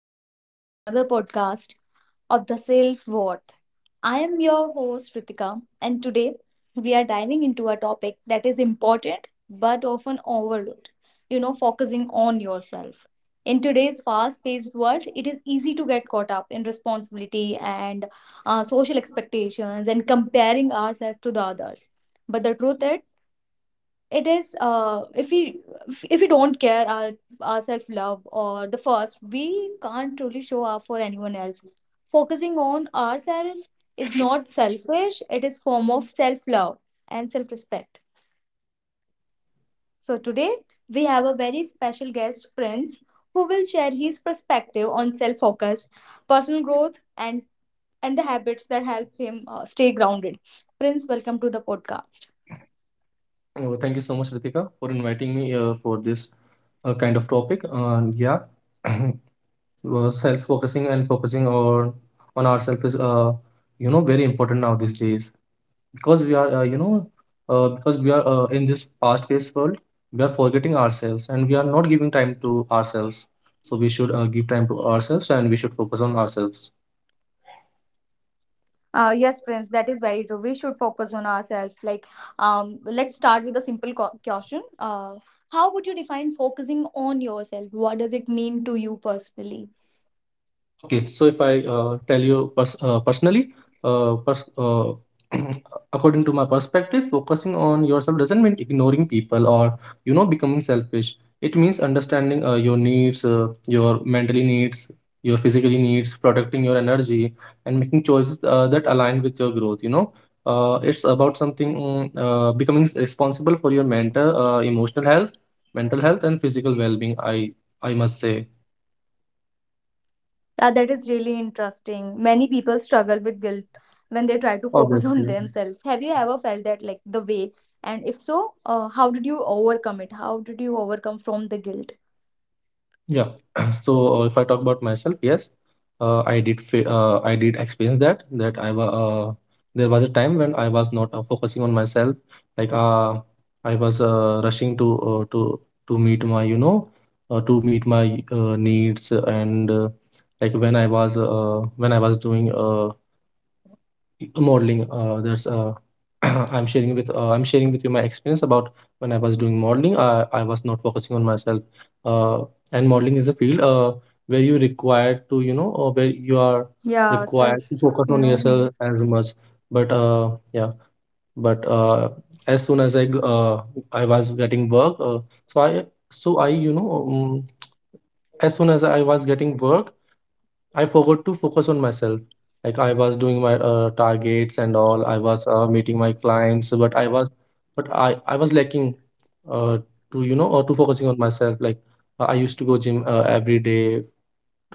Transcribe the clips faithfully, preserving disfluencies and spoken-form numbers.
welcome back to the another podcast of the Self Worth. I am your host, Ritika, and today we are diving into a topic that is important but often overlooked, you know, focusing on yourself. In today's fast paced world, it is easy to get caught up in responsibility and uh, social expectations and comparing ourselves to the others. But the truth is, it is uh, if we if we don't care our our self love or the first, we can't truly show up for anyone else. Focusing on ourselves is not selfish, it is form of self love and self respect. So today we have a very special guest, Prince, who will share his perspective on self focus, personal growth, and and the habits that help him uh, stay grounded. Prince, welcome to the podcast. Oh, thank you so much, Ritika, for inviting me uh, for this uh, kind of topic. And yeah, well, self-focusing and focusing on on ourselves is, uh, you know, very important now these days because we are, uh, you know, uh, because we are uh, in this fast-paced world, we are forgetting ourselves and we are not giving time to ourselves. So we should uh, give time to ourselves and we should focus on ourselves. Uh, yes, Prince, that is very true. We should focus on ourselves. Like, um, let's start with a simple co- question. Uh, how would you define focusing on yourself? What does it mean to you personally? Okay, so if I uh, tell you pers- uh, personally, uh, pers- uh, according to my perspective, focusing on yourself doesn't mean ignoring people or you know becoming selfish. It means understanding uh, your needs, uh, your mentally needs, your physically needs, protecting your energy, and making choices uh, that align with your growth. You know, uh, it's about something mm, uh, becoming responsible for your mental, uh, emotional health, mental health, and physical well-being. I I must say, Yeah, that is really interesting. Many people struggle with guilt when they try to focus on obviously. themselves. Have you ever felt that, like, the way? And if so, uh, how did you overcome it? How did you overcome from the guilt? Yeah. So uh, if I talk about myself, yes, uh, I did fa- uh, I did experience that that I was uh, there was a time when I was not uh, focusing on myself. Like uh, I was uh, rushing to uh, to to meet my you know uh, to meet my uh, needs and uh, like when I was uh, when I was doing uh, modeling, uh, there's uh, I'm sharing with uh, I'm sharing with you my experience about when I was doing modeling. I I was not focusing on myself, uh, and modeling is a field uh, where you required to you know or where you are Yeah, self, required to focus you on know. Hmm. yourself as much. But uh, yeah, but uh, as soon as I g- uh, I was getting work, uh, so I so I you know um, as soon as I was getting work, I forgot to focus on myself. Like I was doing my uh, targets and all. I was uh, meeting my clients, but I was, but I I was lacking, uh, to you know, or to focusing on myself. Like uh, I used to go gym uh, every day,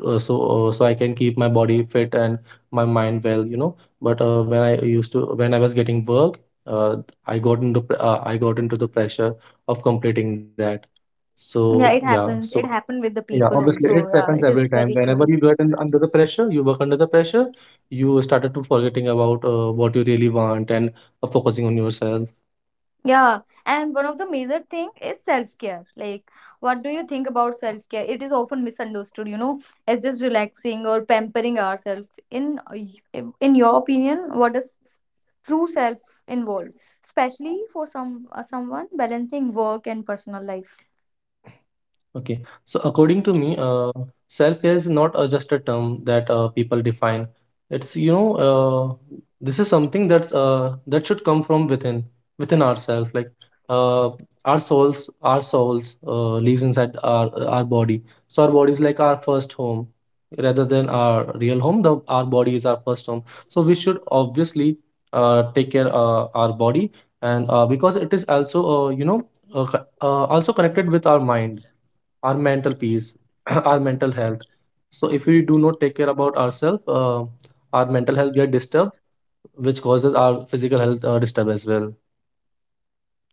uh, so uh, so I can keep my body fit and my mind well, you know. But uh, when I used to when I was getting work, uh, I got into pr- uh, I got into the pressure of completing that. So Yeah, it yeah, so happens. It happened with the yeah, people obviously, it also. happens Yeah, it every is time. very Whenever you true. get in, under the pressure, you work under the pressure, you started to forgetting about uh, what you really want and uh, focusing on yourself. Yeah, and one of the major thing is self-care. Like, what do you think about self-care? It is often misunderstood, you know, as just relaxing or pampering ourselves. In in your opinion, what does true self involve, especially for some uh, someone balancing work and personal life? Okay. So according to me, uh, self-care is not uh, just a term that uh, people define. It's, you know, uh, this is something that uh, that should come from within, within ourselves. Like uh, our souls, our souls uh, lives inside our our body. So our body is like our first home, rather than our real home. The our body is our first home. So we should obviously uh, take care uh, our body, and uh, because it is also, uh, you know, uh, co- uh, also connected with our mind our mental peace, our mental health. So if we do not take care about ourselves, uh, our mental health get disturbed, which causes our physical health uh, disturb as well.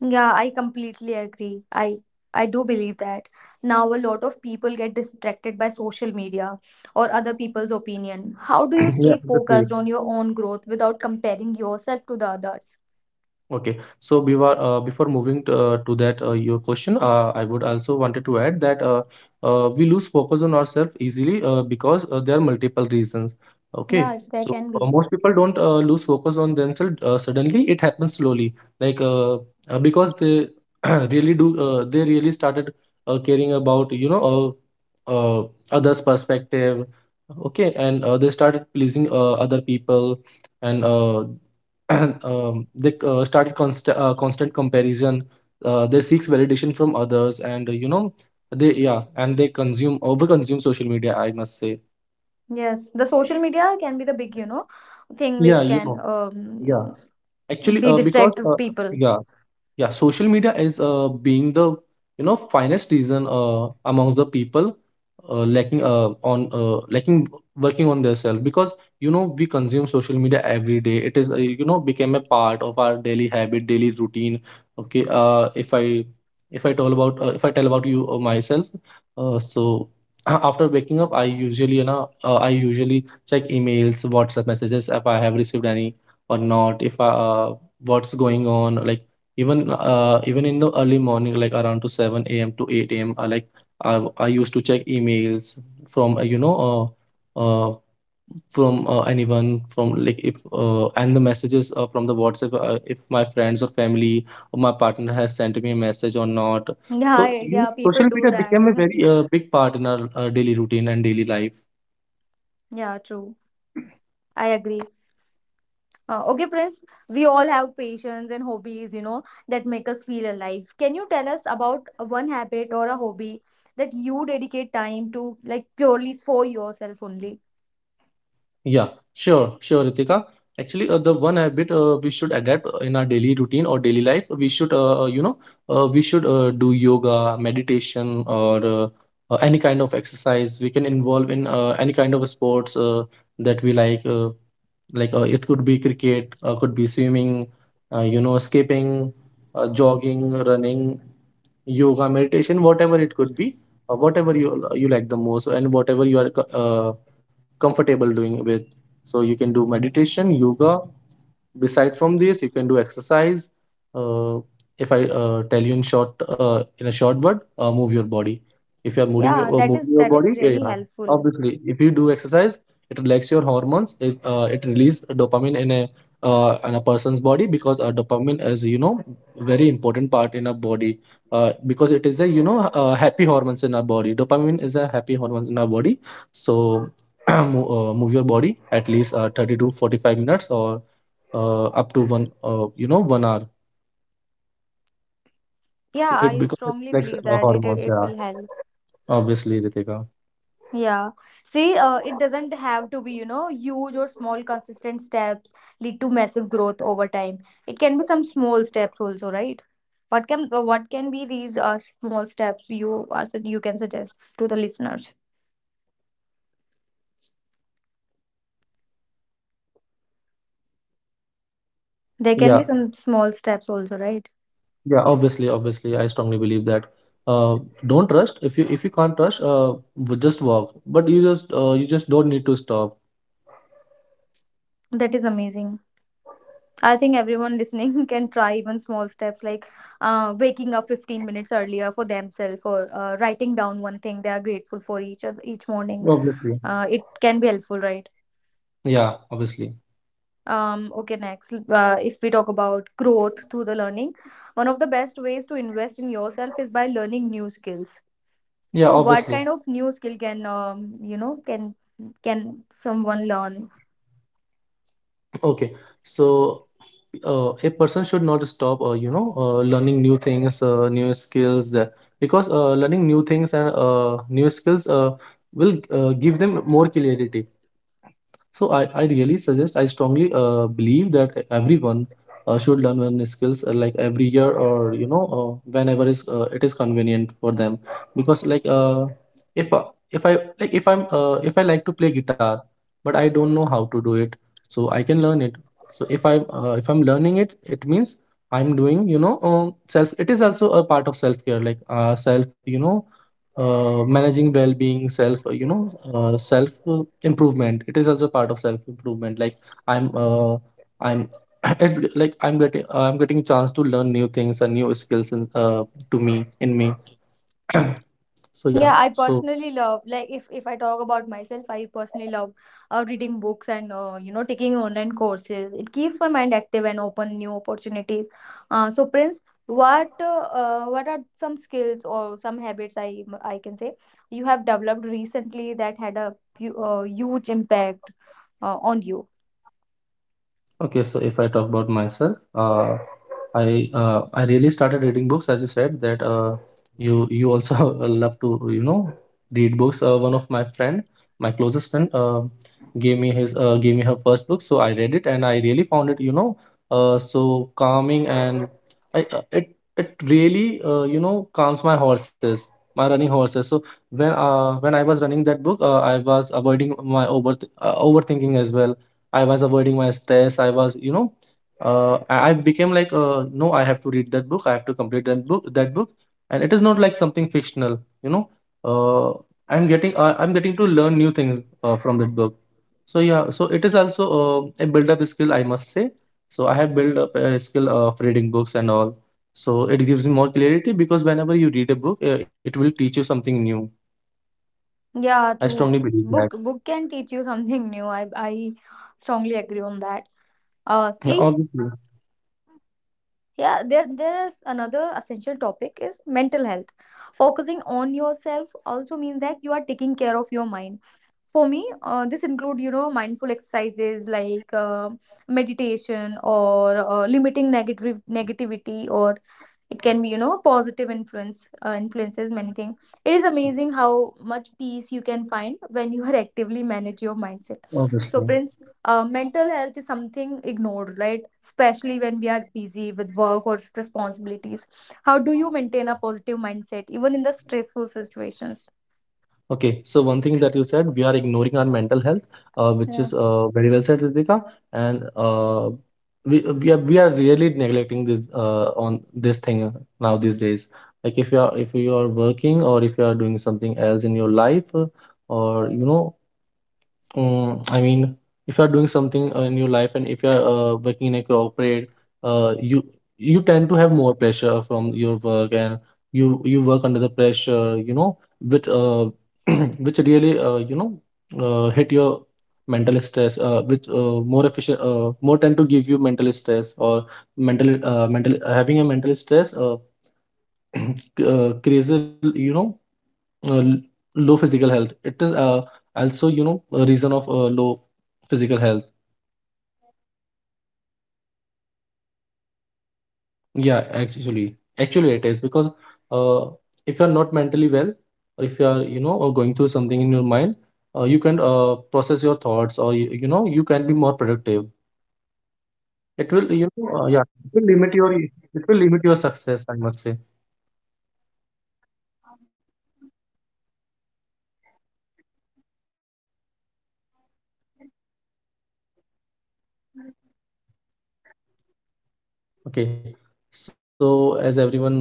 Yeah, I completely agree. I I do believe that. Now a lot of people get distracted by social media or other people's opinion. How do you Yeah, stay obviously. focused on your own growth without comparing yourself to the others? Okay. So before uh, before moving to, uh, to that uh, your question, uh, I would also wanted to add that uh, uh, we lose focus on ourselves easily uh, because uh, there are multiple reasons. Okay. Yeah, there So can uh, be. most people don't uh, lose focus on themselves uh, suddenly. It happens slowly, like uh, uh, because they really do uh, they really started uh, caring about you know uh, uh, others' perspective. Okay, and uh, they started pleasing uh, other people and uh, um, they uh, started const- uh, constant comparison. Uh, they seeks validation from others and, uh, you know, they, yeah, and they consume, over consume social media, I must say. Yes, the social media can be the big, you know, thing Yeah, which you can know. Yeah, um, actually be uh, because distract uh, people. yeah, yeah, social media is uh, being the, you know, finest reason uh, amongst the people uh, lacking uh, on uh, lacking working on themselves because, you know, we consume social media every day. It is, uh, you know, became a part of our daily habit, daily routine. Okay. Uh, if i if i tell about uh, if I tell about you uh, myself, uh, so after waking up I usually, you know uh, I usually check emails, WhatsApp messages, if I have received any or not, if I, uh, what's going on. Like even uh, even in the early morning, like around to seven a m to eight a m, I like I, I used to check emails from, uh, you know uh, uh, from uh, anyone, from, like if uh, and the messages uh, from the WhatsApp, uh, if my friends or family or my partner has sent me a message or not. Yeah, So, I- you know, yeah, people social do media that. became a very uh, big part in our uh, daily routine and daily life. Yeah, true. I agree. Uh, okay, Prince, we all have passions and hobbies, you know, that make us feel alive. Can you tell us about a one habit or a hobby that you dedicate time to, like purely for yourself only? Yeah, sure, sure, Ritika. Actually, uh, the one habit uh, we should adapt uh, in our daily routine or daily life, we should, uh, uh, you know, uh, we should uh, do yoga, meditation, or uh, uh, any kind of exercise. We can involve in uh, any kind of sports uh, that we like. Uh, like uh, it could be cricket, uh, could be swimming, uh, you know, skipping, uh, jogging, running, yoga, meditation, whatever it could be, uh, whatever you you like the most and whatever you are co- uh, comfortable doing with. So you can do meditation, yoga. Beside from this, you can do exercise. Uh, if I uh, tell you in short, uh, in a short word, uh, move your body. If you are moving Yeah, your uh, that moving is your that is body, yeah, really yeah, helpful. obviously, if you do exercise, it relax your hormones. It uh, it release dopamine in a, uh, in a person's body, because uh, dopamine is, you know, very important part in a body, uh, because it is a, you know, uh, happy hormones in our body. Dopamine is a happy hormone in our body, so. Mo- uh, move your body at least uh, thirty to forty-five minutes or uh, up to one uh, you know one hour, so Yeah, it, I because it strongly affects believe uh, that it hormones. it Yeah, will help. obviously, Ritika. Yeah. See, uh, it doesn't have to be, you know, huge or small consistent steps lead to massive growth over time. It can be some small steps also, right? What can uh, what Obviously. can be these uh, small steps you are sug- you can suggest to the listeners? There can be Yeah, some small steps also, right? yeah, obviously, obviously, I strongly believe that uh, don't trust if you, if you can't trust, uh, w- just walk, but you just uh, you just don't need to stop. That is amazing. I think everyone listening can try even small steps like uh, waking up fifteen minutes earlier for themselves, or uh, writing down one thing they are grateful for each of each morning. Obviously. Uh, it can be helpful, right? Yeah, obviously. Um, okay, next, uh, if we talk about growth through the learning, one of the best ways to invest in yourself is by learning new skills. Yeah, So what obviously. kind of new skill can um, you know can can someone learn? Okay, so uh, a person should not stop, uh, you know, uh, learning new things, uh, new skills, uh, because uh, learning new things and uh, new skills uh, will uh, give them more clarity. So I, I really suggest, I strongly uh, believe that everyone uh, should learn wellness skills uh, like every year or, you know, uh, whenever is uh, it is convenient for them. Because like uh, if uh, if I like, if I'm uh, if I like to play guitar, but I don't know how to do it, so I can learn it. So if I'm uh, if I'm learning it, it means I'm doing, you know um, self. It is also a part of self care, like uh, self, you know, uh, managing well-being, self, uh, you know uh, self uh, improvement. It is also part of self improvement. Like i'm uh, i'm it's g- like i'm getting i'm getting chance to learn new things and new skills in, uh, to me in me so yeah, Yeah, I so, personally love, like, if if I talk about myself, I personally love uh, reading books and uh, you know, taking online courses. It keeps my mind active and open new opportunities. Uh, so Prince, what uh, uh, what are some skills or some habits, I I can say, you have developed recently that had a pu- uh, huge impact uh, on you? okay, so if I talk about myself, uh, I uh, I really started reading books, as you said that uh, you you also love to, you know, read books. Uh, one of my friend, my closest friend, uh, gave me his uh, gave me her first book, so I read it and I really found it, you know, uh, so calming. And I uh, it it really, uh, you know, calms my horses, my running horses. So when uh, when I was running that book, uh, I was avoiding my over uh, overthinking as well. I was avoiding my stress. I was, you know, uh, I I became like, uh, no, I have to read that book. I have to complete that book. That book, and it is not like something fictional. You know, uh, I'm getting, uh, I'm getting to learn new things uh, from that book. So yeah, so it is also uh, a build-up skill, I must say. So I have built up a skill of reading books and all. So it gives you more clarity because whenever you read a book, uh, it will teach you something new. I Yeah, strongly true. believe that. Book book can teach you something new. I I strongly agree on that. Uh, Yeah, see, obviously, yeah, there there is another essential topic is mental health. Focusing on yourself also means that you are taking care of your mind. For me, uh, this include, you know, mindful exercises like uh, meditation, or uh, limiting negative negativity, or it can be, you know, positive influence, uh, influences many things. It is amazing how much peace you can find when you are actively manage your mindset. So obviously. Prince, uh, mental health is something ignored, right? Especially when we are busy with work or responsibilities. How do you maintain a positive mindset even in the stressful situations? Okay, so one thing that you said, we are ignoring our mental health, uh, which Yeah. is uh, very well said, Ritika. And uh, we we are we are really neglecting this uh, on this thing now these days. Like if you are if you are working or if you are doing something else in your life, uh, or you know Mm, I mean, if you are doing something uh, in your life and if you are uh, working in a corporate, uh, you you tend to have more pressure from your work, and you you work under the pressure, you know, which uh, which really uh, you know uh, hit your mental stress, uh, which uh, more efficient, uh, more tend to give you mental stress, or mental uh, mental having a mental stress uh, c- uh, crazy, you know, uh, l- low physical health. It is uh, also, you know, a reason of uh, low physical health. Yes, it can be the reason, a big reason I can say. Yeah, actually actually it is, because uh, if you're not mentally well, or if you are, you know, uh, going through something in your mind, uh, you can uh, process your thoughts, or you, you know, you can be more productive. Yeah. It will, you So, know, uh, uh, yeah, can it will you limit can you your please? it will limit your Yeah. success, I must say. Yeah, we should not. Uh, can you please um tell us, tell the, you know, listeners that how do you maintain a positive mindset even in the stressful s- situation? Okay, so as everyone know that uh,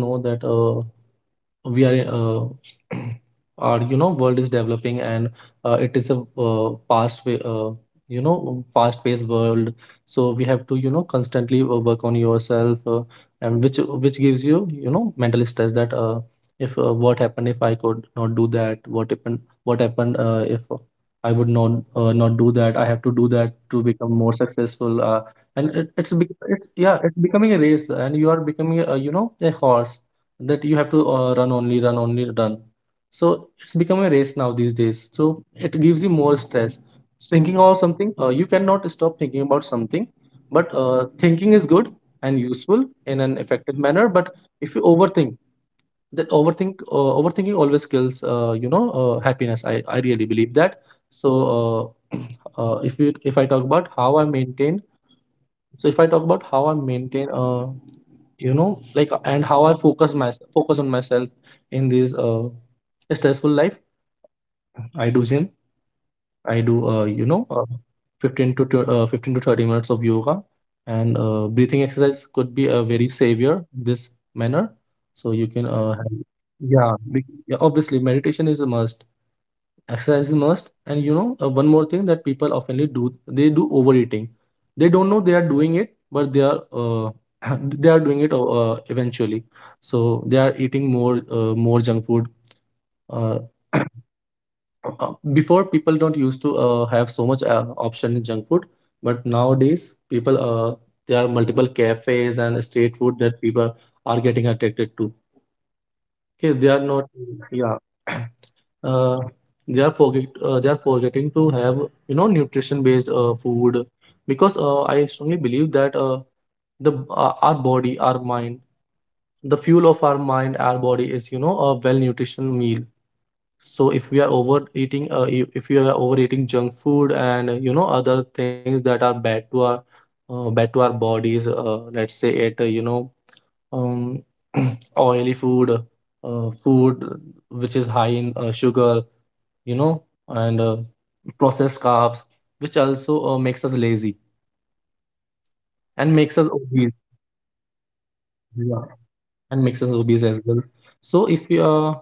we are uh, our, you know, world is developing, and uh, it is a, uh, fast way, uh, you know, fast paced world. So we have to, you know, constantly uh, work on yourself, uh, and which which gives you, you know, mental stress, that uh, if uh, what happened if I could not do that, what happened, what happened uh, if I would not uh, not do that. I have to do Mm-hmm. that to become more successful, uh, and it, it's, bec- Yes. it's yeah, it's becoming a race, and you are becoming a, you know, a horse, that you have to uh, run, only run, only run. So it's become a race now these days, so it gives you more stress, thinking of something. Uh, you cannot stop thinking about something, but uh, thinking is good and useful in an effective manner, but if you overthink, that overthink uh, overthinking always kills uh, you know uh, happiness. I, I really believe that. So uh, uh, if you if I talk about how I maintain, so if I talk about how I maintain uh you know, like, and how i focus myself, focus on myself in this uh stressful life. I do gym, I do, uh you know, uh, fifteen to tw- uh, fifteen to thirty minutes of yoga, and uh, breathing exercise could be a very savior in this manner. so you That can is uh very have, great to know. yeah, be- yeah, obviously meditation is a must, exercise is must, and you know, uh, one more thing that people oftenly do, they do overeating. They don't know they are doing it, but they are uh, they are doing it uh, eventually. So they are eating more uh, more junk food. uh, Yes. uh, Before, people don't used to uh, have so much uh, option in junk food, but nowadays people, uh, there are multiple cafes and street food that people are getting attracted to. Okay, Yeah, they are not. absolutely. Yeah, uh, they are forget uh, they are forgetting to have, you know, nutrition based uh, food, because uh, I strongly believe that, uh, the uh, our body, our mind, the fuel of our mind, our body, is, you know, a well nutrition meal. So if we are overeating, uh, if if we are overeating junk food, and uh, you know, other things that are bad to our uh, bad to our bodies, uh, let's say it, uh, you know um, oily food uh, food which is high in uh, sugar, you know, and uh, processed carbs, which also uh, makes us lazy Yeah, it makes and bo- makes our us our body obese. lazy. Yeah, I, I know that. Yeah, Yeah. and makes us obese as well. So if we uh,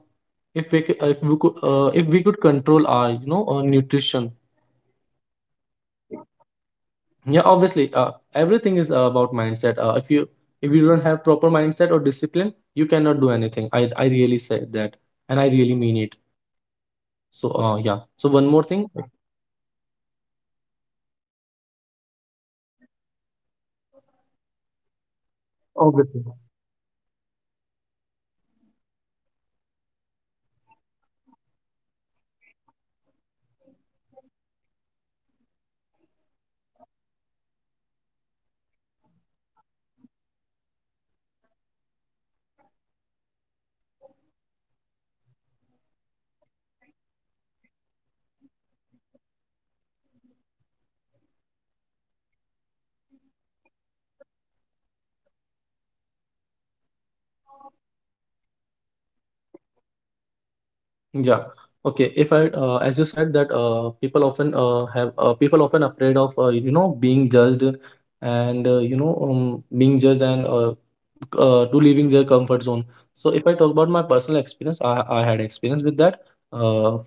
if we c- if we could uh, if we could control our, you know, uh, Yeah, nutrition. it is, it is all about mindset, right? Yeah, obviously uh, everything is uh, about mindset. Uh, if you, if you don't have proper mindset or discipline, you cannot do anything. I I really say that, and I really mean Absolutely. it. So uh, yeah. So Absolutely. one more Uh, thing, like, listeners, remember your mindset is like the soil in which your your personal growth grows. Nurture it and obviously. everything else flourishes, right? Um, so moving to the next uh, question. Now, like, let's talk about something that scares everyone: fear. Fear of failure, or fear of judgment, or uh, fear of leaving and comfort zone. Uh, but here's the truth: focusing on yourself often requires taking calculated risk and stepping into the unknowns. So, Prince, can you share a time, um, when you overcame from the fear or focus on your personal goals? How did it feel and what did you learn from it? Yeah. Okay. If I, uh, as you said that uh, people often uh, have uh, people often afraid of uh, you know, being judged, and uh, you know um, being judged, and uh, c- uh, to leaving their comfort zone. So if I talk about my personal experience, I, I had experience with that. Uh,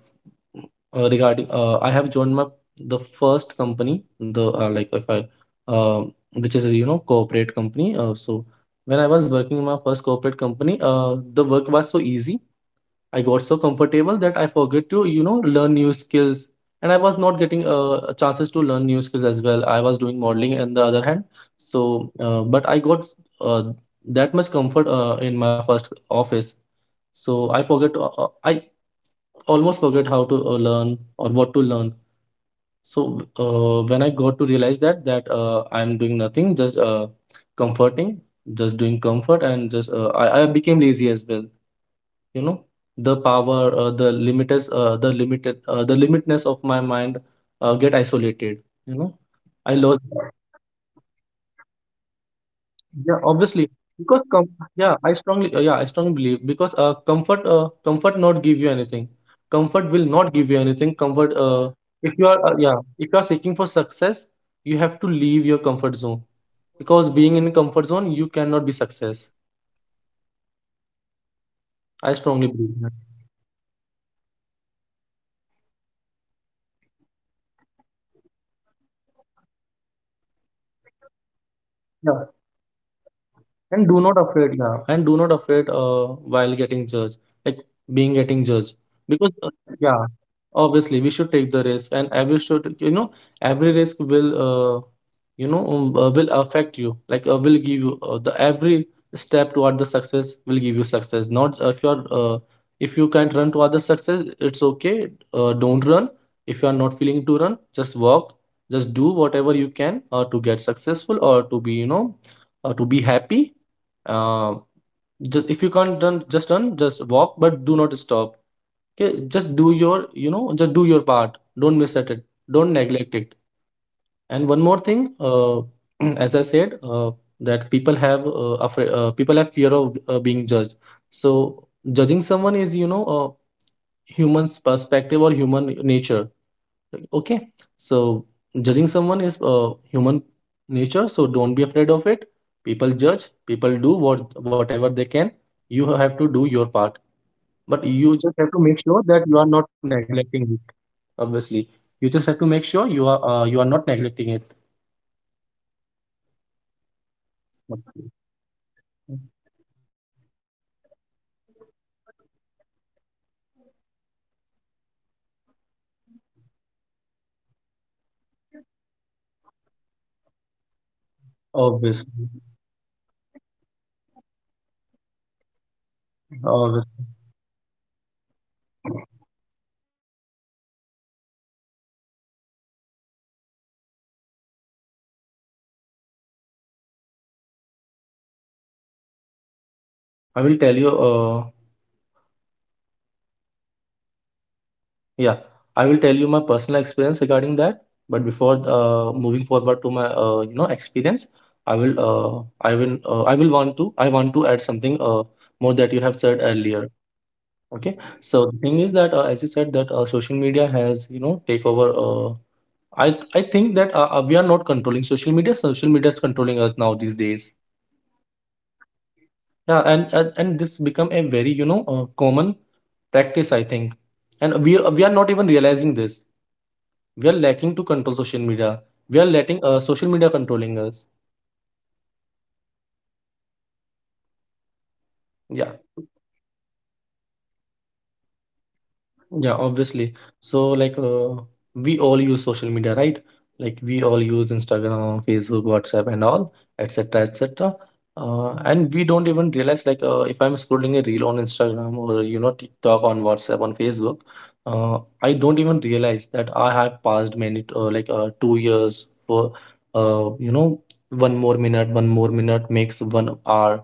uh, regarding uh, I have joined my the first company, the uh, like, if I um which is a, you know, corporate company. Uh, so when I was working in my first corporate company, uh, the work was so easy. I got so comfortable that I forget to, you know, learn new skills. And I was not getting uh, chances to learn new skills as well. I was doing modeling in the other hand. So, uh, but I got uh, that much comfort uh, in my first office. So I forget, uh, uh, I almost forget how to uh, learn, or what to learn. So uh, when I got to realize that, that uh, I'm doing nothing, just uh, comforting, just doing comfort, and just uh, I, I became lazy as well, you know. The power uh, the limiters uh, the limited uh, the limitness of my mind uh, get isolated, you know. Yes, to I lost. achieve something, we have to, you know, go, like, we Yeah, have to come obviously, from our because com- comfort zone. yeah, I strongly uh, yeah, I strongly believe, because uh, comfort uh, comfort not give you anything, comfort will not give you anything. Comfort Yeah, uh, comfort make you If you are uh, lazy. yeah, if you are seeking for success, you have to leave your comfort zone, because being in a comfort zone, you cannot be success. Yeah, I that strongly is believe that. incredible. uh don't, like, I want to say that that don't fear, uh, stop uh, don't let the fear stop you. Growth Yeah. happens outside your comfort And zone, do not right? afraid. Yeah, and do not afraid uh, while getting judged, like, being getting judged. uh yeah, we Because should uh, take the yeah, risk. obviously, we should take the risk, and every should, you know, every risk will, uh, you know, um, uh, will affect you. Like, uh, will give you uh, the every step toward the success will give you success. Not uh, if you're uh, if you can't run toward the success, it's okay. Uh, don't run. If you are not feeling to run, just walk. Just do whatever you can uh, to get successful, or to be, you know, uh, to be happy. um, just, if you can't done, just run, just walk, but do not stop. Okay, just do your, you know, just do your part, don't miss at it, don't neglect it. And one more thing, uh, as I said, uh, that people have uh, afraid uh, people have fear of uh, being judged. So judging someone is, you know, a human's perspective, or human nature. Okay, so judging someone is, uh, human nature, so don't be afraid of it. People judge, people do what whatever they can. You have to do your part, but Yeah, they you will just say have to what they make have sure in that their you are mind, not right? neglecting it. Obviously, you just have to make sure you are uh, you are not neglecting it. True. Uh, so another modern challenge in the digital distraction, you know, the digital distraction. Phones, social media, you know, endless notifications. It is easy to lose the hours without realizing it. Focusing on Obviously, yourself often means unplugging from the digital noise and spending time, obviously. uh, you know, intentionally. So, Prince, uh, do you ever take a break from the social media, uh, and how does it affect your focus and energy? Oh yeah, yes. Uh, I will tell you. Uh, Yeah, I will tell you my personal experience regarding that. But before uh, moving forward to my, uh, you know, experience, I will uh, I will uh, I will want to I want to add something uh, more that you have said Yeah, sure, earlier. Okay, sure. so the thing is that, uh, as you said that, uh, social media has, you know, take over. Uh, I I think that, uh, uh, we are not controlling social media. Social media is controlling us now these days. Yeah, that is. Yeah, and and, and this become a very, you know, uh, common practice, I think, and we we are not even realizing this. We are lacking to control social media. We are letting, uh, social media controlling us. Yeah, Yeah, it is the, you know, biggest challenge in front of us. yeah, obviously. So like, uh, we all use social media, right? Like we all use Instagram, Facebook, WhatsApp, and all, et cetera, et cetera. Uh, and we don't even realize, like, uh, if I'm scrolling a reel on Instagram, or you know, TikTok, on WhatsApp, on Facebook, uh, I don't even realize that I have passed many, uh, like uh, two years for, uh, you know, one more minute, one more minute makes one hour.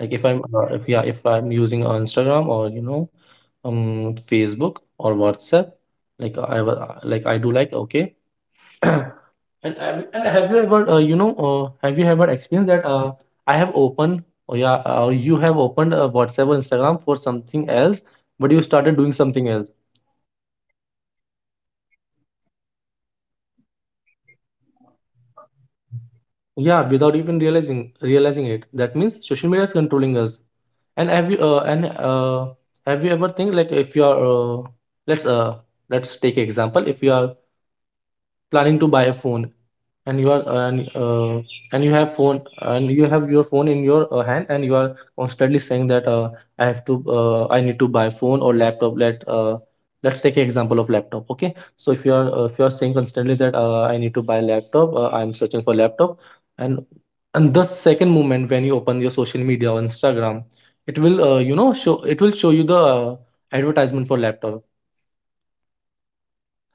Like if I'm uh, if yeah, if I'm using uh, Instagram, or you know, um Facebook, or WhatsApp, like I wa- uh, like I do, like, okay. And, I- and have you ever uh, you know uh, have you ever experienced that uh, I have opened, or yeah or you have opened uh, WhatsApp or Instagram for something else, but you started doing something else. Yeah, true. It happens all the time. Like, we uh, we scroll endlessly without even realizing it. Yeah, without even realizing realizing it. That means social media is controlling us. And have you uh, and uh, have you ever think like, if you are uh, let's uh let's take example, if you are planning to buy a phone, and you are and uh, and you have phone, and you have your phone in your uh, hand, and you are constantly saying that uh, i have to uh, I need to buy phone or laptop let uh, Let's take an example of laptop, okay? So if you are uh, if you are saying constantly that uh, I need to buy laptop, uh, I'm searching for laptop and and the second moment when you open your social media or Instagram, it will uh, you know show it will show you the uh, advertisement for laptop.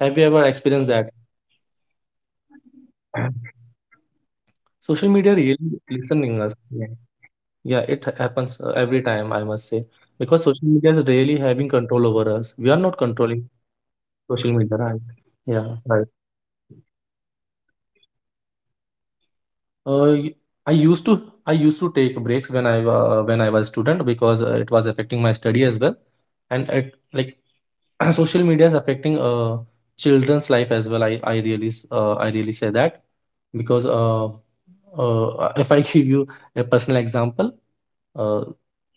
Have you ever experienced Yeah. Yeah, I have experienced that a that? lot. Social It media really happens. It listening us, generally okay? happens. Yeah, it happens uh, every time, I must say, because Yeah. social media is really having control over us. We are not Yeah, controlling it, it is. It is social true. media, right? So do Yeah, you right. have ever, you know, take a break from social media ever? Uh, y- I used to, I used to take breaks when I uh, when I was student, because uh, it was affecting my study as well, and it like, social media is affecting uh children's life as well. I I really s- uh, I really say that, because uh, uh if I give you a personal example, uh,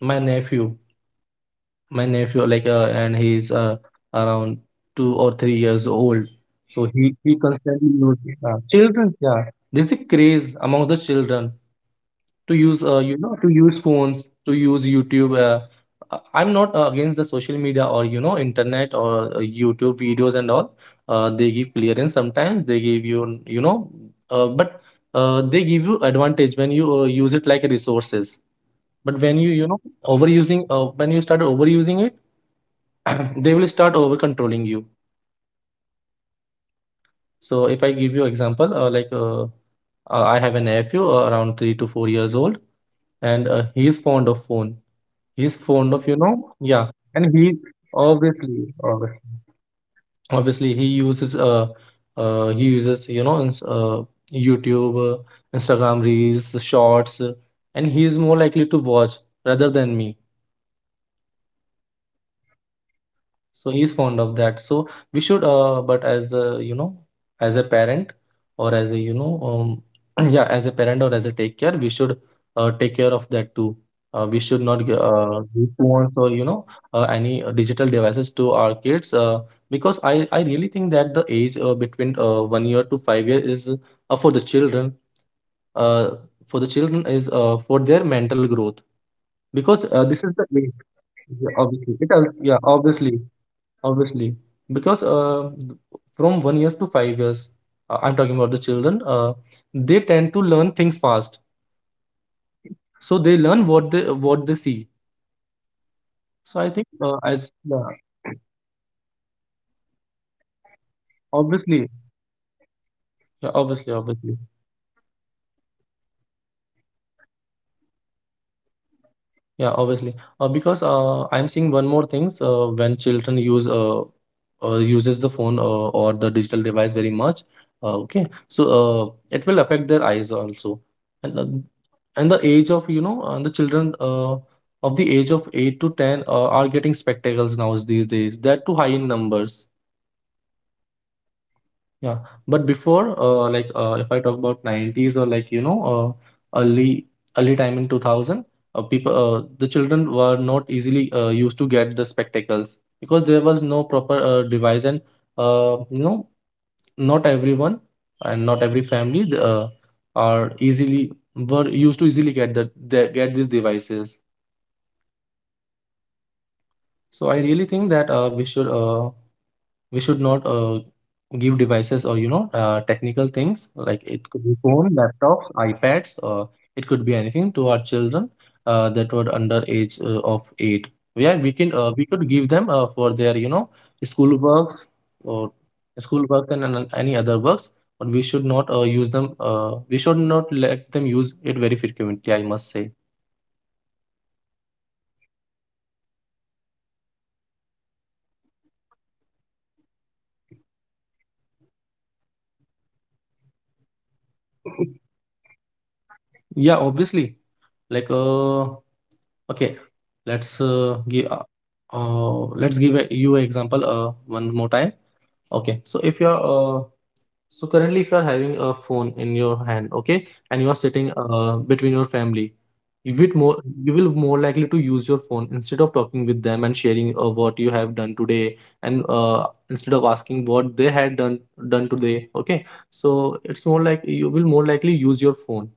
my nephew. My nephew, like, uh, and he's uh, around two or three years old. So Okay. he he Yeah, yeah, constantly children uses uh, children have. children yeah there's a craze among the children to use, Yeah, uh, you there know is. to use phones, to use YouTube. Uh, uh, i'm not uh, against the social media, or you know, internet, or uh, YouTube videos and all. Uh, they give clearance sometimes, they give you, you know uh, but uh, they give you advantage when you uh, use it like resources, but when you Yes. you know, overusing uh, when you start overusing it, they will start over controlling you. Yes. So if I give you example, uh, like uh, uh, I have a nephew, uh, around three to four years old, and uh, he is fond of phone, he is fond of, you know Yeah, yeah kids are, and he kids these days are obviously, very fond of obviously, phones. obviously he uses, uh, uh he uses, you know, ins- uh, YouTube, uh, Instagram reels, shorts, uh, and he is more likely to watch rather than me. Okay, okay. So he's fond of that, so we should, uh, but as a, you know, as a parent, or as a, you know, um, yeah, as a parent or as a take care, we should uh, take care of that too. uh, we should not gi- Yeah, uh, we give should. phones, or you know, uh, any uh, digital devices to our kids, uh, because i i really think that the age uh, between uh, one year to five years is, uh, for the children uh, for the children is uh, for their mental growth, because Yeah, uh, it this is the also age. affect their, you know, Yeah, eyes obviously as it well, al- the yeah screen of obviously the phones. obviously, because uh, from one years to five years, uh, I'm talking about the children. Uh, they tend to learn things fast, Yeah. so they learn what they what they see. So Yeah, I plus think, uh, their as yeah, sense organs are also very, you know, reflective and um, you obviously, know, very sensitive. yeah, So obviously, we should obviously. not, you know, damage them at, at this early age. We should take care of this. Yeah, obviously. Uh, because uh, I'm seeing one more things, uh, when children use uh, uh, uses the phone, uh, or the digital device very much. Uh, okay, so uh, it will affect their eyes also, and uh, and the age of, you know, and the children uh, of the age of eight to ten uh, are getting spectacles now these days. That too high in numbers. Yeah, it is. Yeah, but before, uh, like, uh, if I talk about nineties, or like, you know, uh, early early time in two thousand, uh, people, uh, the children were not easily uh, used to get the spectacles, because there was no proper uh, device, and uh, you know, not everyone and not every family uh, are easily were used to easily get that they get these devices. Yeah. So I really think that uh, we should uh, we should not uh, give devices, or you know, uh, technical things, like Huh, it at could this be early phone, age, right? laptops, iPads, or it could be anything to our children uh, that were under age uh, of eight. Yeah, we can Hmm. uh, we could give them uh, for their, you know, school works, or Hmm. school work and, an- any other works, but we should not uh, use them uh, we should not let them use it very frequently, I must say. Yeah, it is true. But uh, b- uh, what do you think that uh, you know, if taking a break of, you know, one uh, one day or few hours from the social media would uh, help us to reconnect with ourselves? Yeah, obviously. like uh Okay, let's uh, give uh, uh, let's give a, you an example, uh, one more time. Okay, so if you're uh, so currently, if you're having a phone in your hand, okay, and you are Yeah. sitting uh, between your family, you will Yeah. more you will more likely to use your phone instead of talking with them and sharing uh, what you have done today, and uh, instead of asking what they had done done today. Okay, so it's more like you will more likely use your phone.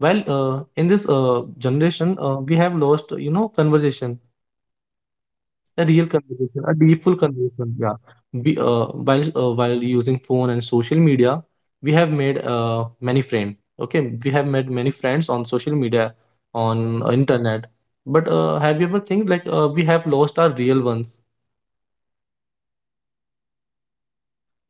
Well, uh, in this uh, generation, uh, we have lost, you know, conversation, a Yeah, real we did. conversation, a deep, full Yeah. conversation. Yeah. We, uh, while uh, while using phone and social media, we have made uh, many friends. Okay, we have made many friends on social media, on uh, internet. But uh, have you ever think, like, uh, we have lost our real ones? Yeah, I, I believe that we lost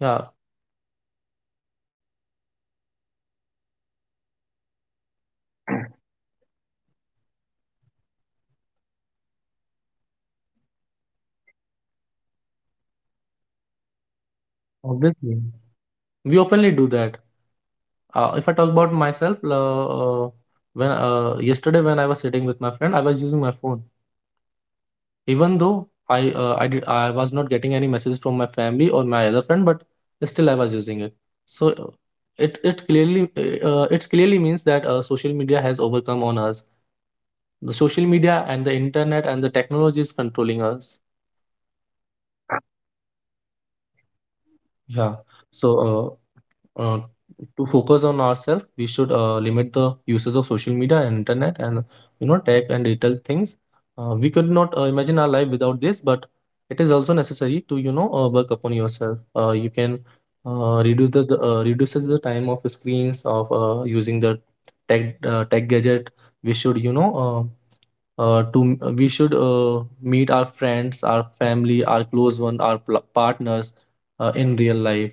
Yeah, real ones and all, eh, like, uh, while we are just on, you know, phone calls, and you know, we just used to, whether we are sitting in a, you know, family function or anything else, we are just used to tap on our phone, phone calls and uh, you know, on on the phone, on the screen. obviously. We oftenly do that. Uh, if I talk about myself, uh, uh, when uh, yesterday when I was sitting with my friend, I was using my phone. Even though I uh, I did I was not getting any messages from my family or my other friend, but still I was using it. So uh, it it clearly uh, it clearly means that uh, social media has overcome on us. The social media and the internet and the technology is controlling us. Yeah, very true, it is controlling us. Yeah. So uh, uh, to focus on ourselves, we should uh, limit the uses of social media and internet and, you know, tech and digital things. Uh, we could not uh, imagine our life without this, but it is also necessary to, you know, uh, work upon yourself. Uh, you can uh, reduce the the, uh, reduces the time of screens of uh, using the tech uh, tech gadget. We should, you know, uh, uh, to m- uh, we should uh, meet our friends, our family, our close one, our pl- partners, uh, in real life.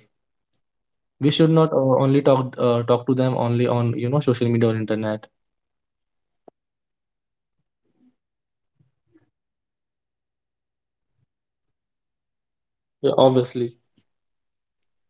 We should Yes, not uh, only talk uh, talk to them only on, you know, social media or internet. yeah, it is very true. We are losing our real friends and o- in our, like, on, for our online friends. Yeah, obviously.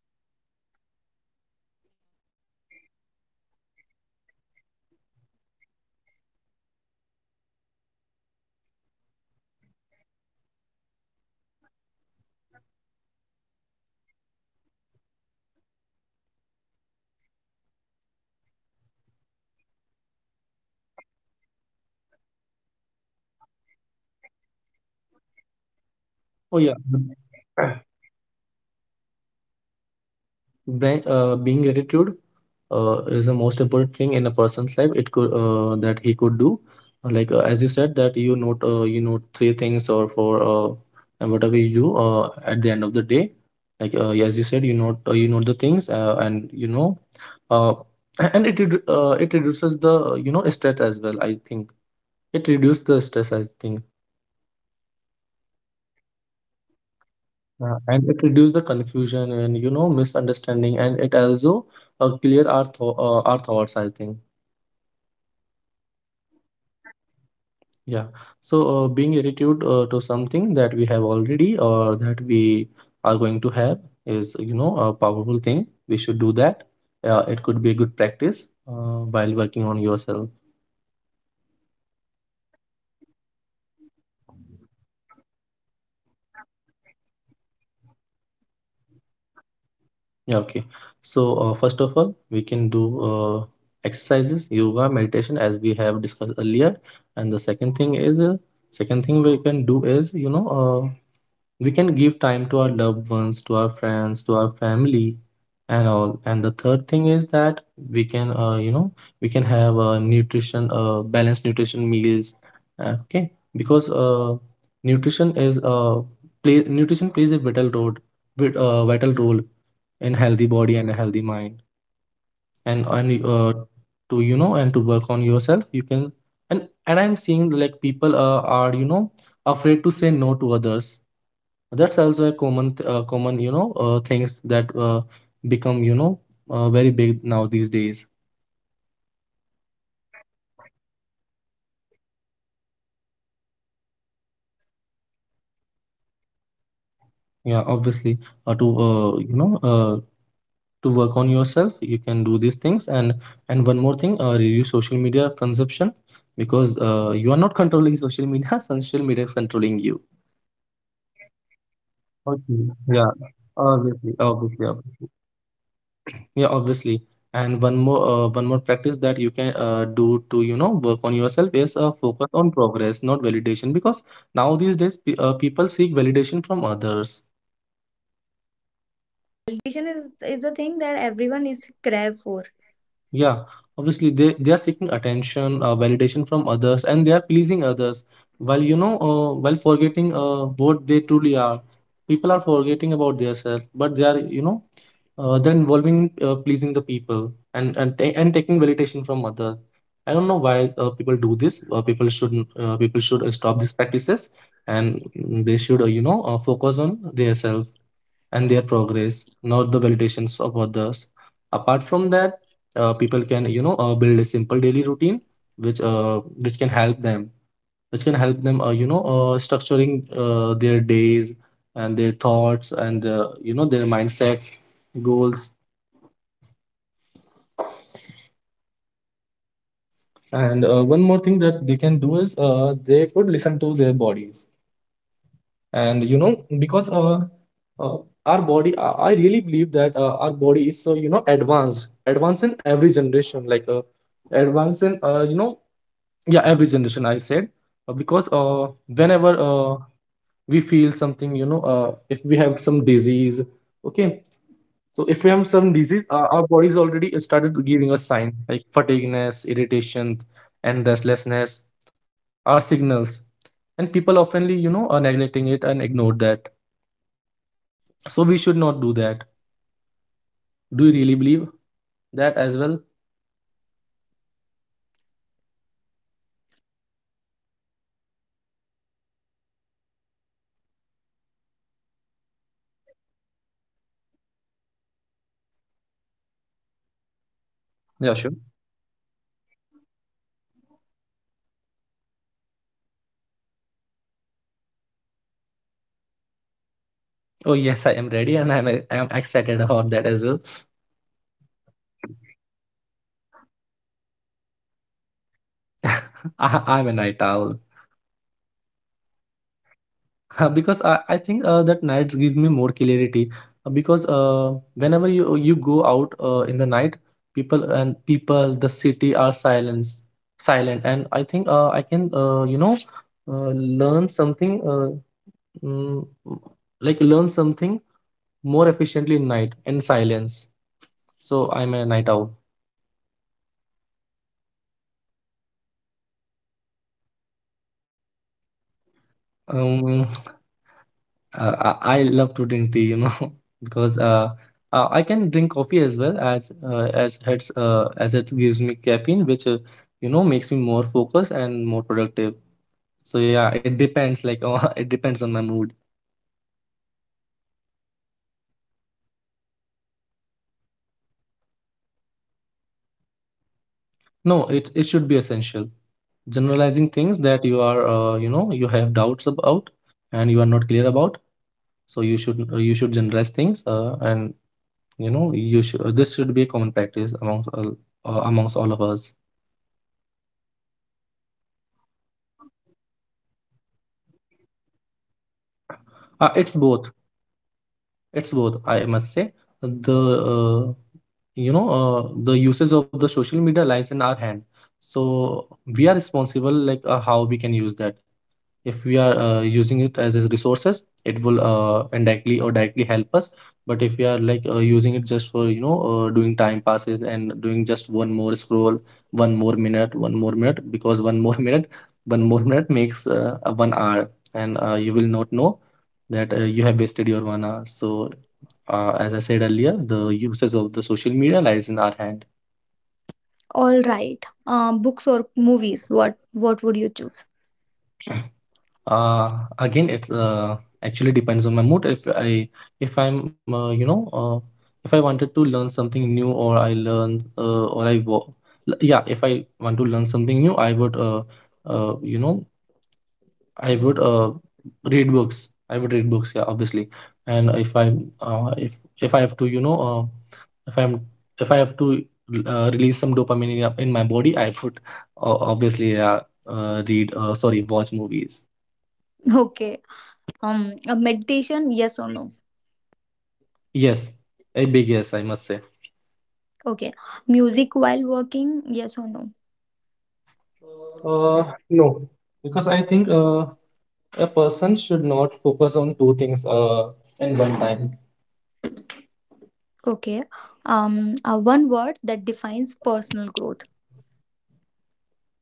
Yeah. Uh, finally, let's talk about gratitude and self reflection. Spending time thinking about, um, uh, what we are grateful for, and uh, reflecting on our growth is so powerful. Personally, I end up my day by noting, uh, you know, three things uh, I am thankful for, and one lesson I learned. It keeps me grounded and aware of my jour- journey, you know. So, uh, Prince, do you practice gratitude or self reflection? Uh, what Oh is yeah. the impact that what is the impact of that on your life? Brand, uh, being gratitude uh, is the most important thing in a person's life. It could, uh, that he could do, like, uh, as you said, that you note, uh, you note three things or four, uh, and whatever you do uh, at the end of the day. Like, uh, as you said, you note, uh, you note the things, uh, and you know, uh, and it redu- uh, it reduces the, you know, stress as well, I think. It reduces the stress, I think. Yeah, it reduces the stress. I I believe Yeah, that. and it reduces the confusion and, you know, misunderstanding, and it also uh, clear our tho uh, our thoughts, I think, Yeah, it is. yeah. So uh, being attitude uh, to something that we have already, or that we are going to have, is, you know, a powerful thing. We should do that. Uh, it could be a good practice uh, while working on yourself. Yeah, we can do that by working on ourselves. Um, by, like, what kind of activities we can do to, like, you know, to improve ourselves. Yeah, okay. So, uh, first of all, we can do uh, exercises, yoga, meditation, as we have discussed earlier. And the second thing is, uh, second thing we can do is, you know, uh, we can give time to our loved ones, to our friends, to our family and all. And the third thing is that we can, uh, you know we can have a nutrition uh, balanced nutrition meals. Uh, okay, because uh, nutrition is uh, play, nutrition plays a vital role with, uh, vital role in healthy body and a healthy mind. And and uh, to, you know, and to work on yourself you can, and and I'm seeing like people uh, are, you know, afraid to say no to others. That's also a common, th- uh, common, you know, uh, things that uh, become, you know, uh, very big now these days. Yeah, it becomes I I can you know personally related uh, or feel uh, can feel relatable to that. Yeah, obviously, uh, to uh, you know, uh, to work on yourself, you can do these things. And and one more thing, uh, reduce social media consumption, because uh, you are not controlling social media, social media is controlling you. Social media is definitely controlling uh, Okay. us as well Yeah, as our life. obviously, It obviously, becomes the obviously. part of our life. Yeah, obviously. And one more uh, one more practice that you can uh, do to you know work on yourself is uh, Focus focus on. on progress, not validation. Because now these days pe- uh, people seek validation from others. Yeah, validation is is the thing that everyone is crave for. Yeah, obviously they, they are seeking attention, uh, validation from others, and they are pleasing others while you know uh, while forgetting uh, what they truly are. People are forgetting about themselves, but they are you know uh, they're involving in uh, pleasing the people and and ta- and taking validation from others. I don't know why uh, people do this. Uh, people should uh, people should uh, stop these practices and mm, they should uh, you know uh, focus on themselves and their progress, not the validations of others. Apart from that, uh, people can you know uh, build a simple daily routine which uh, which can help them, which can help them uh, you know uh, structuring uh, their days and their thoughts and uh, you know their mindset goals. And uh, one more thing that they can do is uh, they could listen to their bodies and you know because uh, uh, our body i I really believe that uh, our body is so you know advanced advanced in every generation, like uh, advanced in uh, you know yeah, every generation I said, uh, because uh, whenever uh, we feel something, you know uh, if we have some disease, okay, so if we have some disease, uh, our body's already started giving us sign like fatigueness, irritation, and restlessness are signals, and people oftenly you know are neglecting it and ignore that, so we should not do that. Do you really believe that as well? Yes, we can do that, Prince. That is uh, really great to know your thoughts. Uh, all right, Prince. Uh, it is time for our rapid fire round. Quick answers, okay? Uh, Yeah, sure. First thing that comes to your mind. No overthinking. Let's just go. Okay. So, um, are you ready? Oh yes, I am ready and I'm I am excited about that as well. Okay, great to know. So, are you a morning person or a night owl? I, I'm a night owl. Uh, why so? Because I, I think uh, that nights give me more clarity. Uh, because uh, whenever you you go out uh, in the night, people and people the city are silence silent, and I think uh, I can uh, you know uh, learn something uh, mm, like learn something more efficiently in night in silence. So I'm a night owl. Okay, okay, Prince. So, um, are you a coffee person or a tea person? Um, uh, I I love to drink tea, you know, because uh, uh, I can drink coffee as well, as uh, as it's uh, as it gives me caffeine, which uh, you know makes me more focused and more productive. So yeah, it depends. Like uh, it depends on my mood. Okay, great to know. Um, journalizing, uh, is it essential or just optional? No, it it should be essential. Generalizing things that you are uh, you know you have doubts about and you are not clear about. So you should uh, you should generalize things uh, and you know, you should. uh, This should be a common practice amongst all, uh, amongst all of us. Okay. Uh, so for you, social media is helpful or distracting? Uh, it's both. It's both. I must say the uh, you know uh, the uses of the social media lies in our hand. So we are responsible like uh, how we can use that. If we are uh, using it as a resources, it will uh, indirectly or directly help us, but if we are like uh, using it just for you know uh, doing time passes and doing just one more scroll, one more minute, one more minute, because one more minute, one more minute makes uh, a one hour, and uh, you will not know that uh, you have wasted your one hour. So uh, as I said earlier, the uses of the social media lies in our hand. All right. Um, books or movies? What what would you choose? Uh, Again, it uh, actually depends on my mood. If I, if I'm uh, you know uh, if I wanted to learn something new, or I learn uh, or I wo- l- yeah, if I want to learn something new, I would uh, uh, you know I would uh, read books. I would read books, yeah obviously. And if I, uh, if if I have to you know uh, if I'm if I have to uh, release some dopamine in, in my body, I would uh, obviously uh, uh, read uh, sorry, watch movies. Okay. Um, a meditation, yes or no? Yes, a big yes, I must say. Okay. Music while working, yes or no? Uh, no, because I think uh, a person should not focus on two things uh, in one time. Okay. Um, uh, one word that defines personal growth.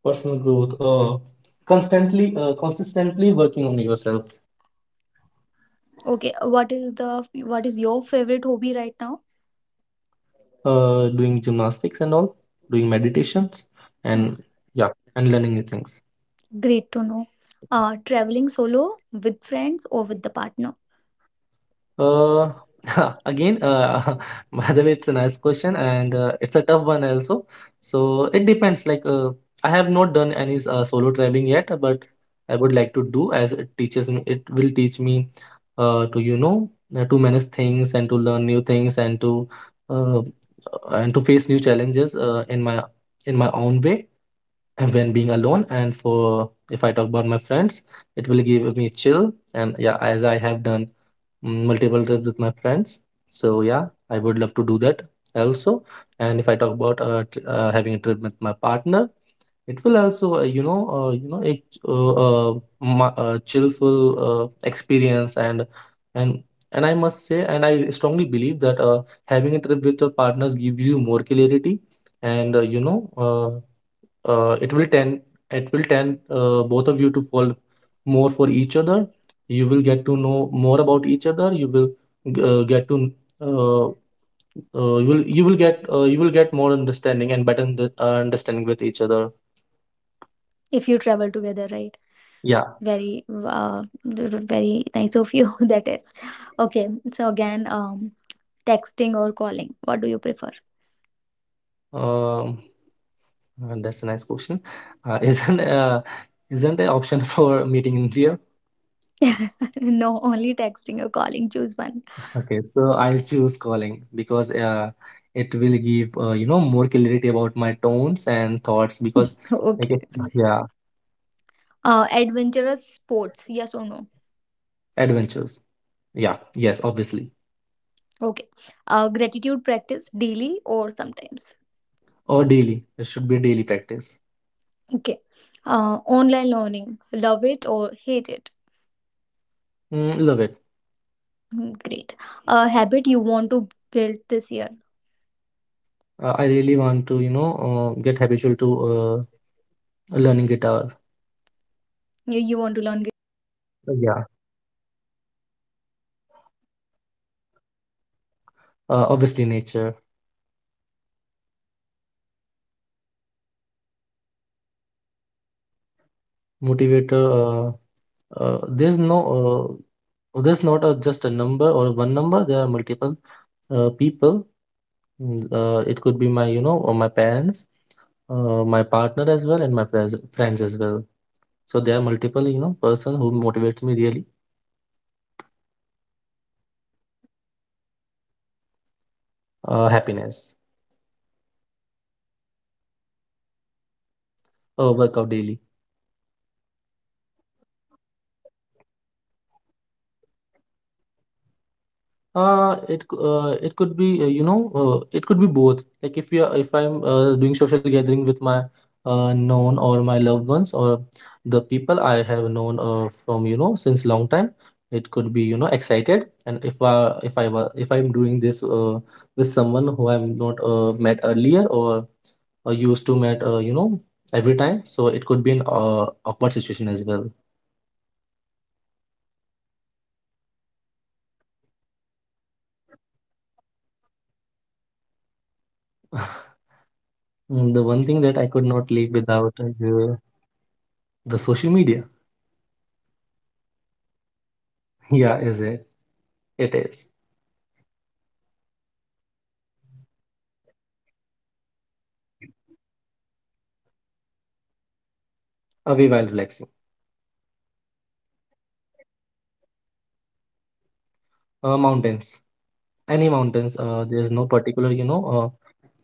Personal growth, uh, constantly, uh, consistently working on yourself, Okay, uh, what is the what is your favorite hobby right now? uh, doing gymnastics and all, doing meditations, Oh, and yeah, and learning new things. great to know. Uh, traveling solo with friends or with the partner. Uh, again, uh, by the way, it's a nice question, and uh, it's a tough one also. So it depends. Like, uh, I have not done any uh, solo traveling yet, but I would like to do, as it teaches me. It will teach me uh, to you know uh, to manage things and to learn new things and to uh, and to face new challenges uh, in my, in my own way and when being alone. And for, if I talk about my friends, it will give me chill. And yeah, as I have done mm, multiple trips with my friends. So yeah, I would love to do that also. And if I talk about uh, tr- uh, having a trip with my partner, it will also uh, you know uh, you know a ch- uh, uh, ma- uh, chillful uh, experience, and and and I must say, and I strongly believe that uh, having a trip with your partners gives you more clarity, and uh, you know uh, uh, it will tend it will tend uh, both of you to fall more for each other. You will get to know more about each other. You will uh, get to uh, uh, you will you will get uh, you will get more understanding and better under- uh, understanding with each other. If you travel together, right? Yeah. Very uh, very nice of you. That is okay. So again, um, texting or calling. What do you prefer? um, uh, that's a nice question, uh, isn't uh, isn't an option for meeting in real. No, only texting or calling. Choose one. Okay, so I'll choose calling, because uh, it will give uh, you know more clarity about my tones and thoughts, because like if- Okay. yeah. Uh, adventurous sports. Yes or no? Adventures. Yeah, yes, obviously. Okay. Uh, gratitude practice daily or sometimes. Or daily. It should be a daily practice. Okay. Uh, online learning. Love it or hate it. Mm, love it. Mm, great. A habit you want to build this year. Uh, I really want to, you know, uh, get habitual to uh, learning guitar. You, you want to learn guitar. uh, That is Yeah. really great. Okay. Uh, nature or city vibes. Uh, obviously, nature. Okay. Uh, who is your biggest motivator? Motivator. Uh, uh, there's no, uh, there's not a, just a number or one number. There are multiple uh, people. Mm, Uh, it could be my, you know, or my parents, uh, my partner as well, and my friends, friends as well. So there are multiple, you know, person who motivates me really. Mm, great to know. Uh, money or happiness. Uh, happiness. Okay. Uh, workout daily or weekly. Uh, workout daily? Okay. Uh, social gatherings or ex- uh, are excited or awkward? Uh, it cou- uh, it could be uh, you know uh, it could be both. Like if you are, if I'm uh, doing social gathering with my uh, known or my loved ones, or the people I have known uh, from you know since long time, it could be, you know, excited. And if I, if I were if I'm doing this uh, with someone who I'm not uh, met earlier, or, or used to met uh, you know every time, so it could be an uh, awkward situation as well. Oh, that is uh, great to know. Uh, one thing you cannot live without, Mm, The one thing that I could not live without. The social media? is it? Yeah, is it? It is. Yeah, uh, you cannot live without social media. Okay. Um, uh, phone in hand or away while relaxing. Away while relaxing. Okay. Dream destination for self reflection. Uh, mountains. Any mountains. Uh, there's no particular, you know,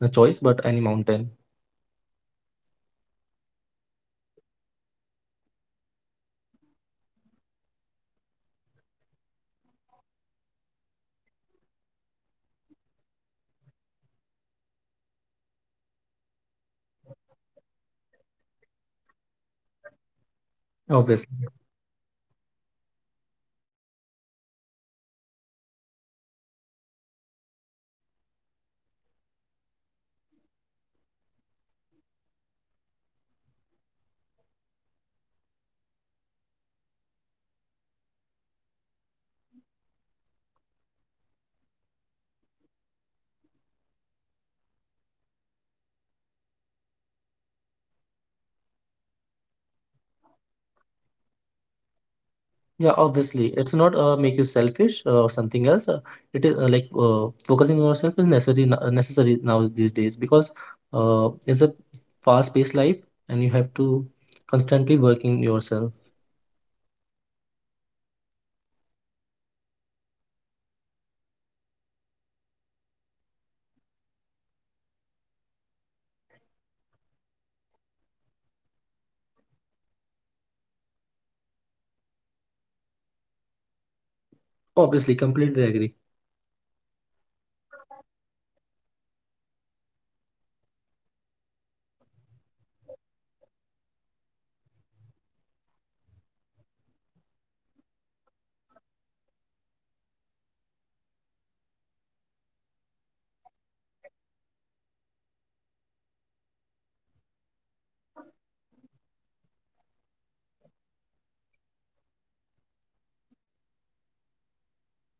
uh, choice, but any mountain. Uh, okay, Prince. Uh, that was a really fun session. Thank you uh, for sharing your quick thoughts. I love how even rapid answer can give such insight into your personality and habits. Uh, listeners, remember sometimes the simplest answers reflect what really matters to us. This is Obviously. the sort of you know self relaxation or self improvement. Uh, Prince, thank you so much for being on the show today uh, and uh, sharing your experiences, insights, and practical tips. Um, yeah, it's been such a meaningful conversation about uh, focusing on yourself or uh, investing in personal growth and creating a life that truly reflects who you are. I think uh, the key takeaway from today's uh, that focusing on yourself is not selfish; it is necessary, right? Yeah, obviously. It's not uh, make you selfish uh, or something else. Uh, it is uh, like uh, focusing on yourself is necessary n- uh, necessary now these days, because uh, it's a fast-paced life and you have to constantly working yourself. Yeah, because uh, every small habit, even uh, you know, very small habit, uh, every mindful choice and uh, every step towards self-awareness build a foundation for a happier and uh, more balanced and you know and fulfilling life. Obviously, completely agree. Now, to our listeners, uh, I want to take a moment and reflect on this show. Uh, how often do we pause and truly check in our yourself? Uh, when was the last time you prioritized your growth and happiness or uh, your peace of mind? Life can be so easy and responsibility can be weigh us down. But even five minutes a day dedicated purely to yourself can make a huge difference over the time.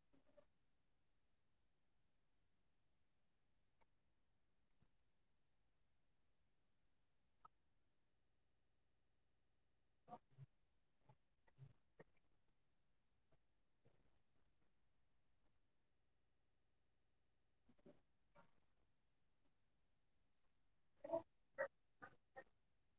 Think about the habits you have been putting off, um, the habits which we have discussed with the prince, uh, the patience uh, we have always you know used to ignore, or the boundaries you haven't set because of the fear. Uh, it it could be of because of uh, guilt or distraction. Today I want to challenge you to take just one step for yourself,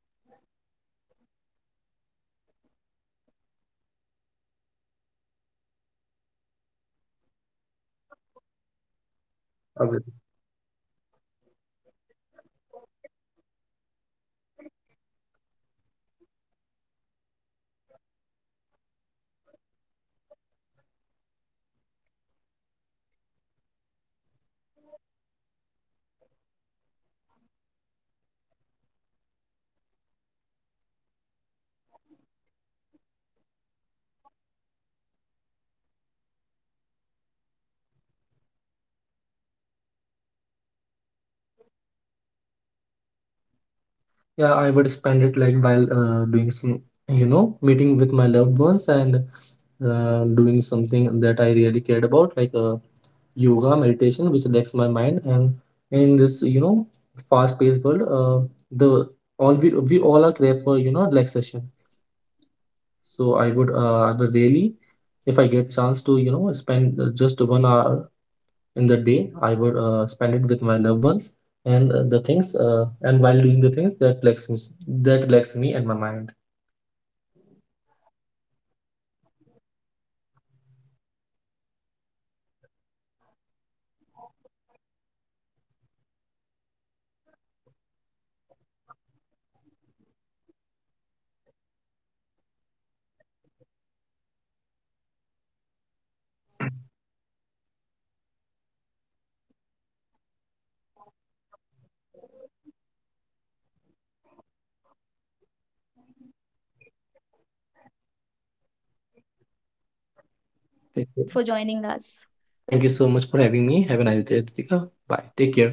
whether it is writing down a goal or uh, spending time in meditation or pursuing a hobby you love. Uh, remember, your growth matters, and investing Obviously. in yourself create ripple that positively uh, affect every part of your life. So, from your relationship to your work uh, to your sense of purpose, it will reflect. It will directly show in your life. Before we signing out, here's a question I want you to carry with you. If you could dedicate one hour every day solely to yourself, how would you spend it? Prince, can you please um, uh, tell our listeners that if you given up one hour every day, like for yourself only, how would you spend it? Yeah, I would spend it like while uh, doing some, you know, meeting with my loved ones, and uh, doing something that I really cared about, like uh, yoga, meditation, which relax my mind. And in this, you know, fast-paced world, uh, the, all we we all are craved for, you know, relaxation. So I would, uh, I would really, if I get chance to, you know, spend uh, just one hour in the day, I would uh, spend it with my loved ones, and uh, the things, uh, and while doing the things that relax me, that relax me and my mind. Yeah, it can be a very good answer, Prince. Um, we everyone should uh, you know think about it, act on it, and make yourself a priority. We should make ourselves the priority. Um, thank you for joining us today, Prince, and uh, thank you for sharing your wonderful thoughts with us. Uh, I am Ritika, and I hope this conversation inspire you to love yourself, focus on your journey, and grow every single day. Until next time, take care, be kind to yourself, and keep moving forward. Thank you, Thank Prince, you, for joining us. thank you so much for having me. Have a nice day, Ritika. Bye, take care.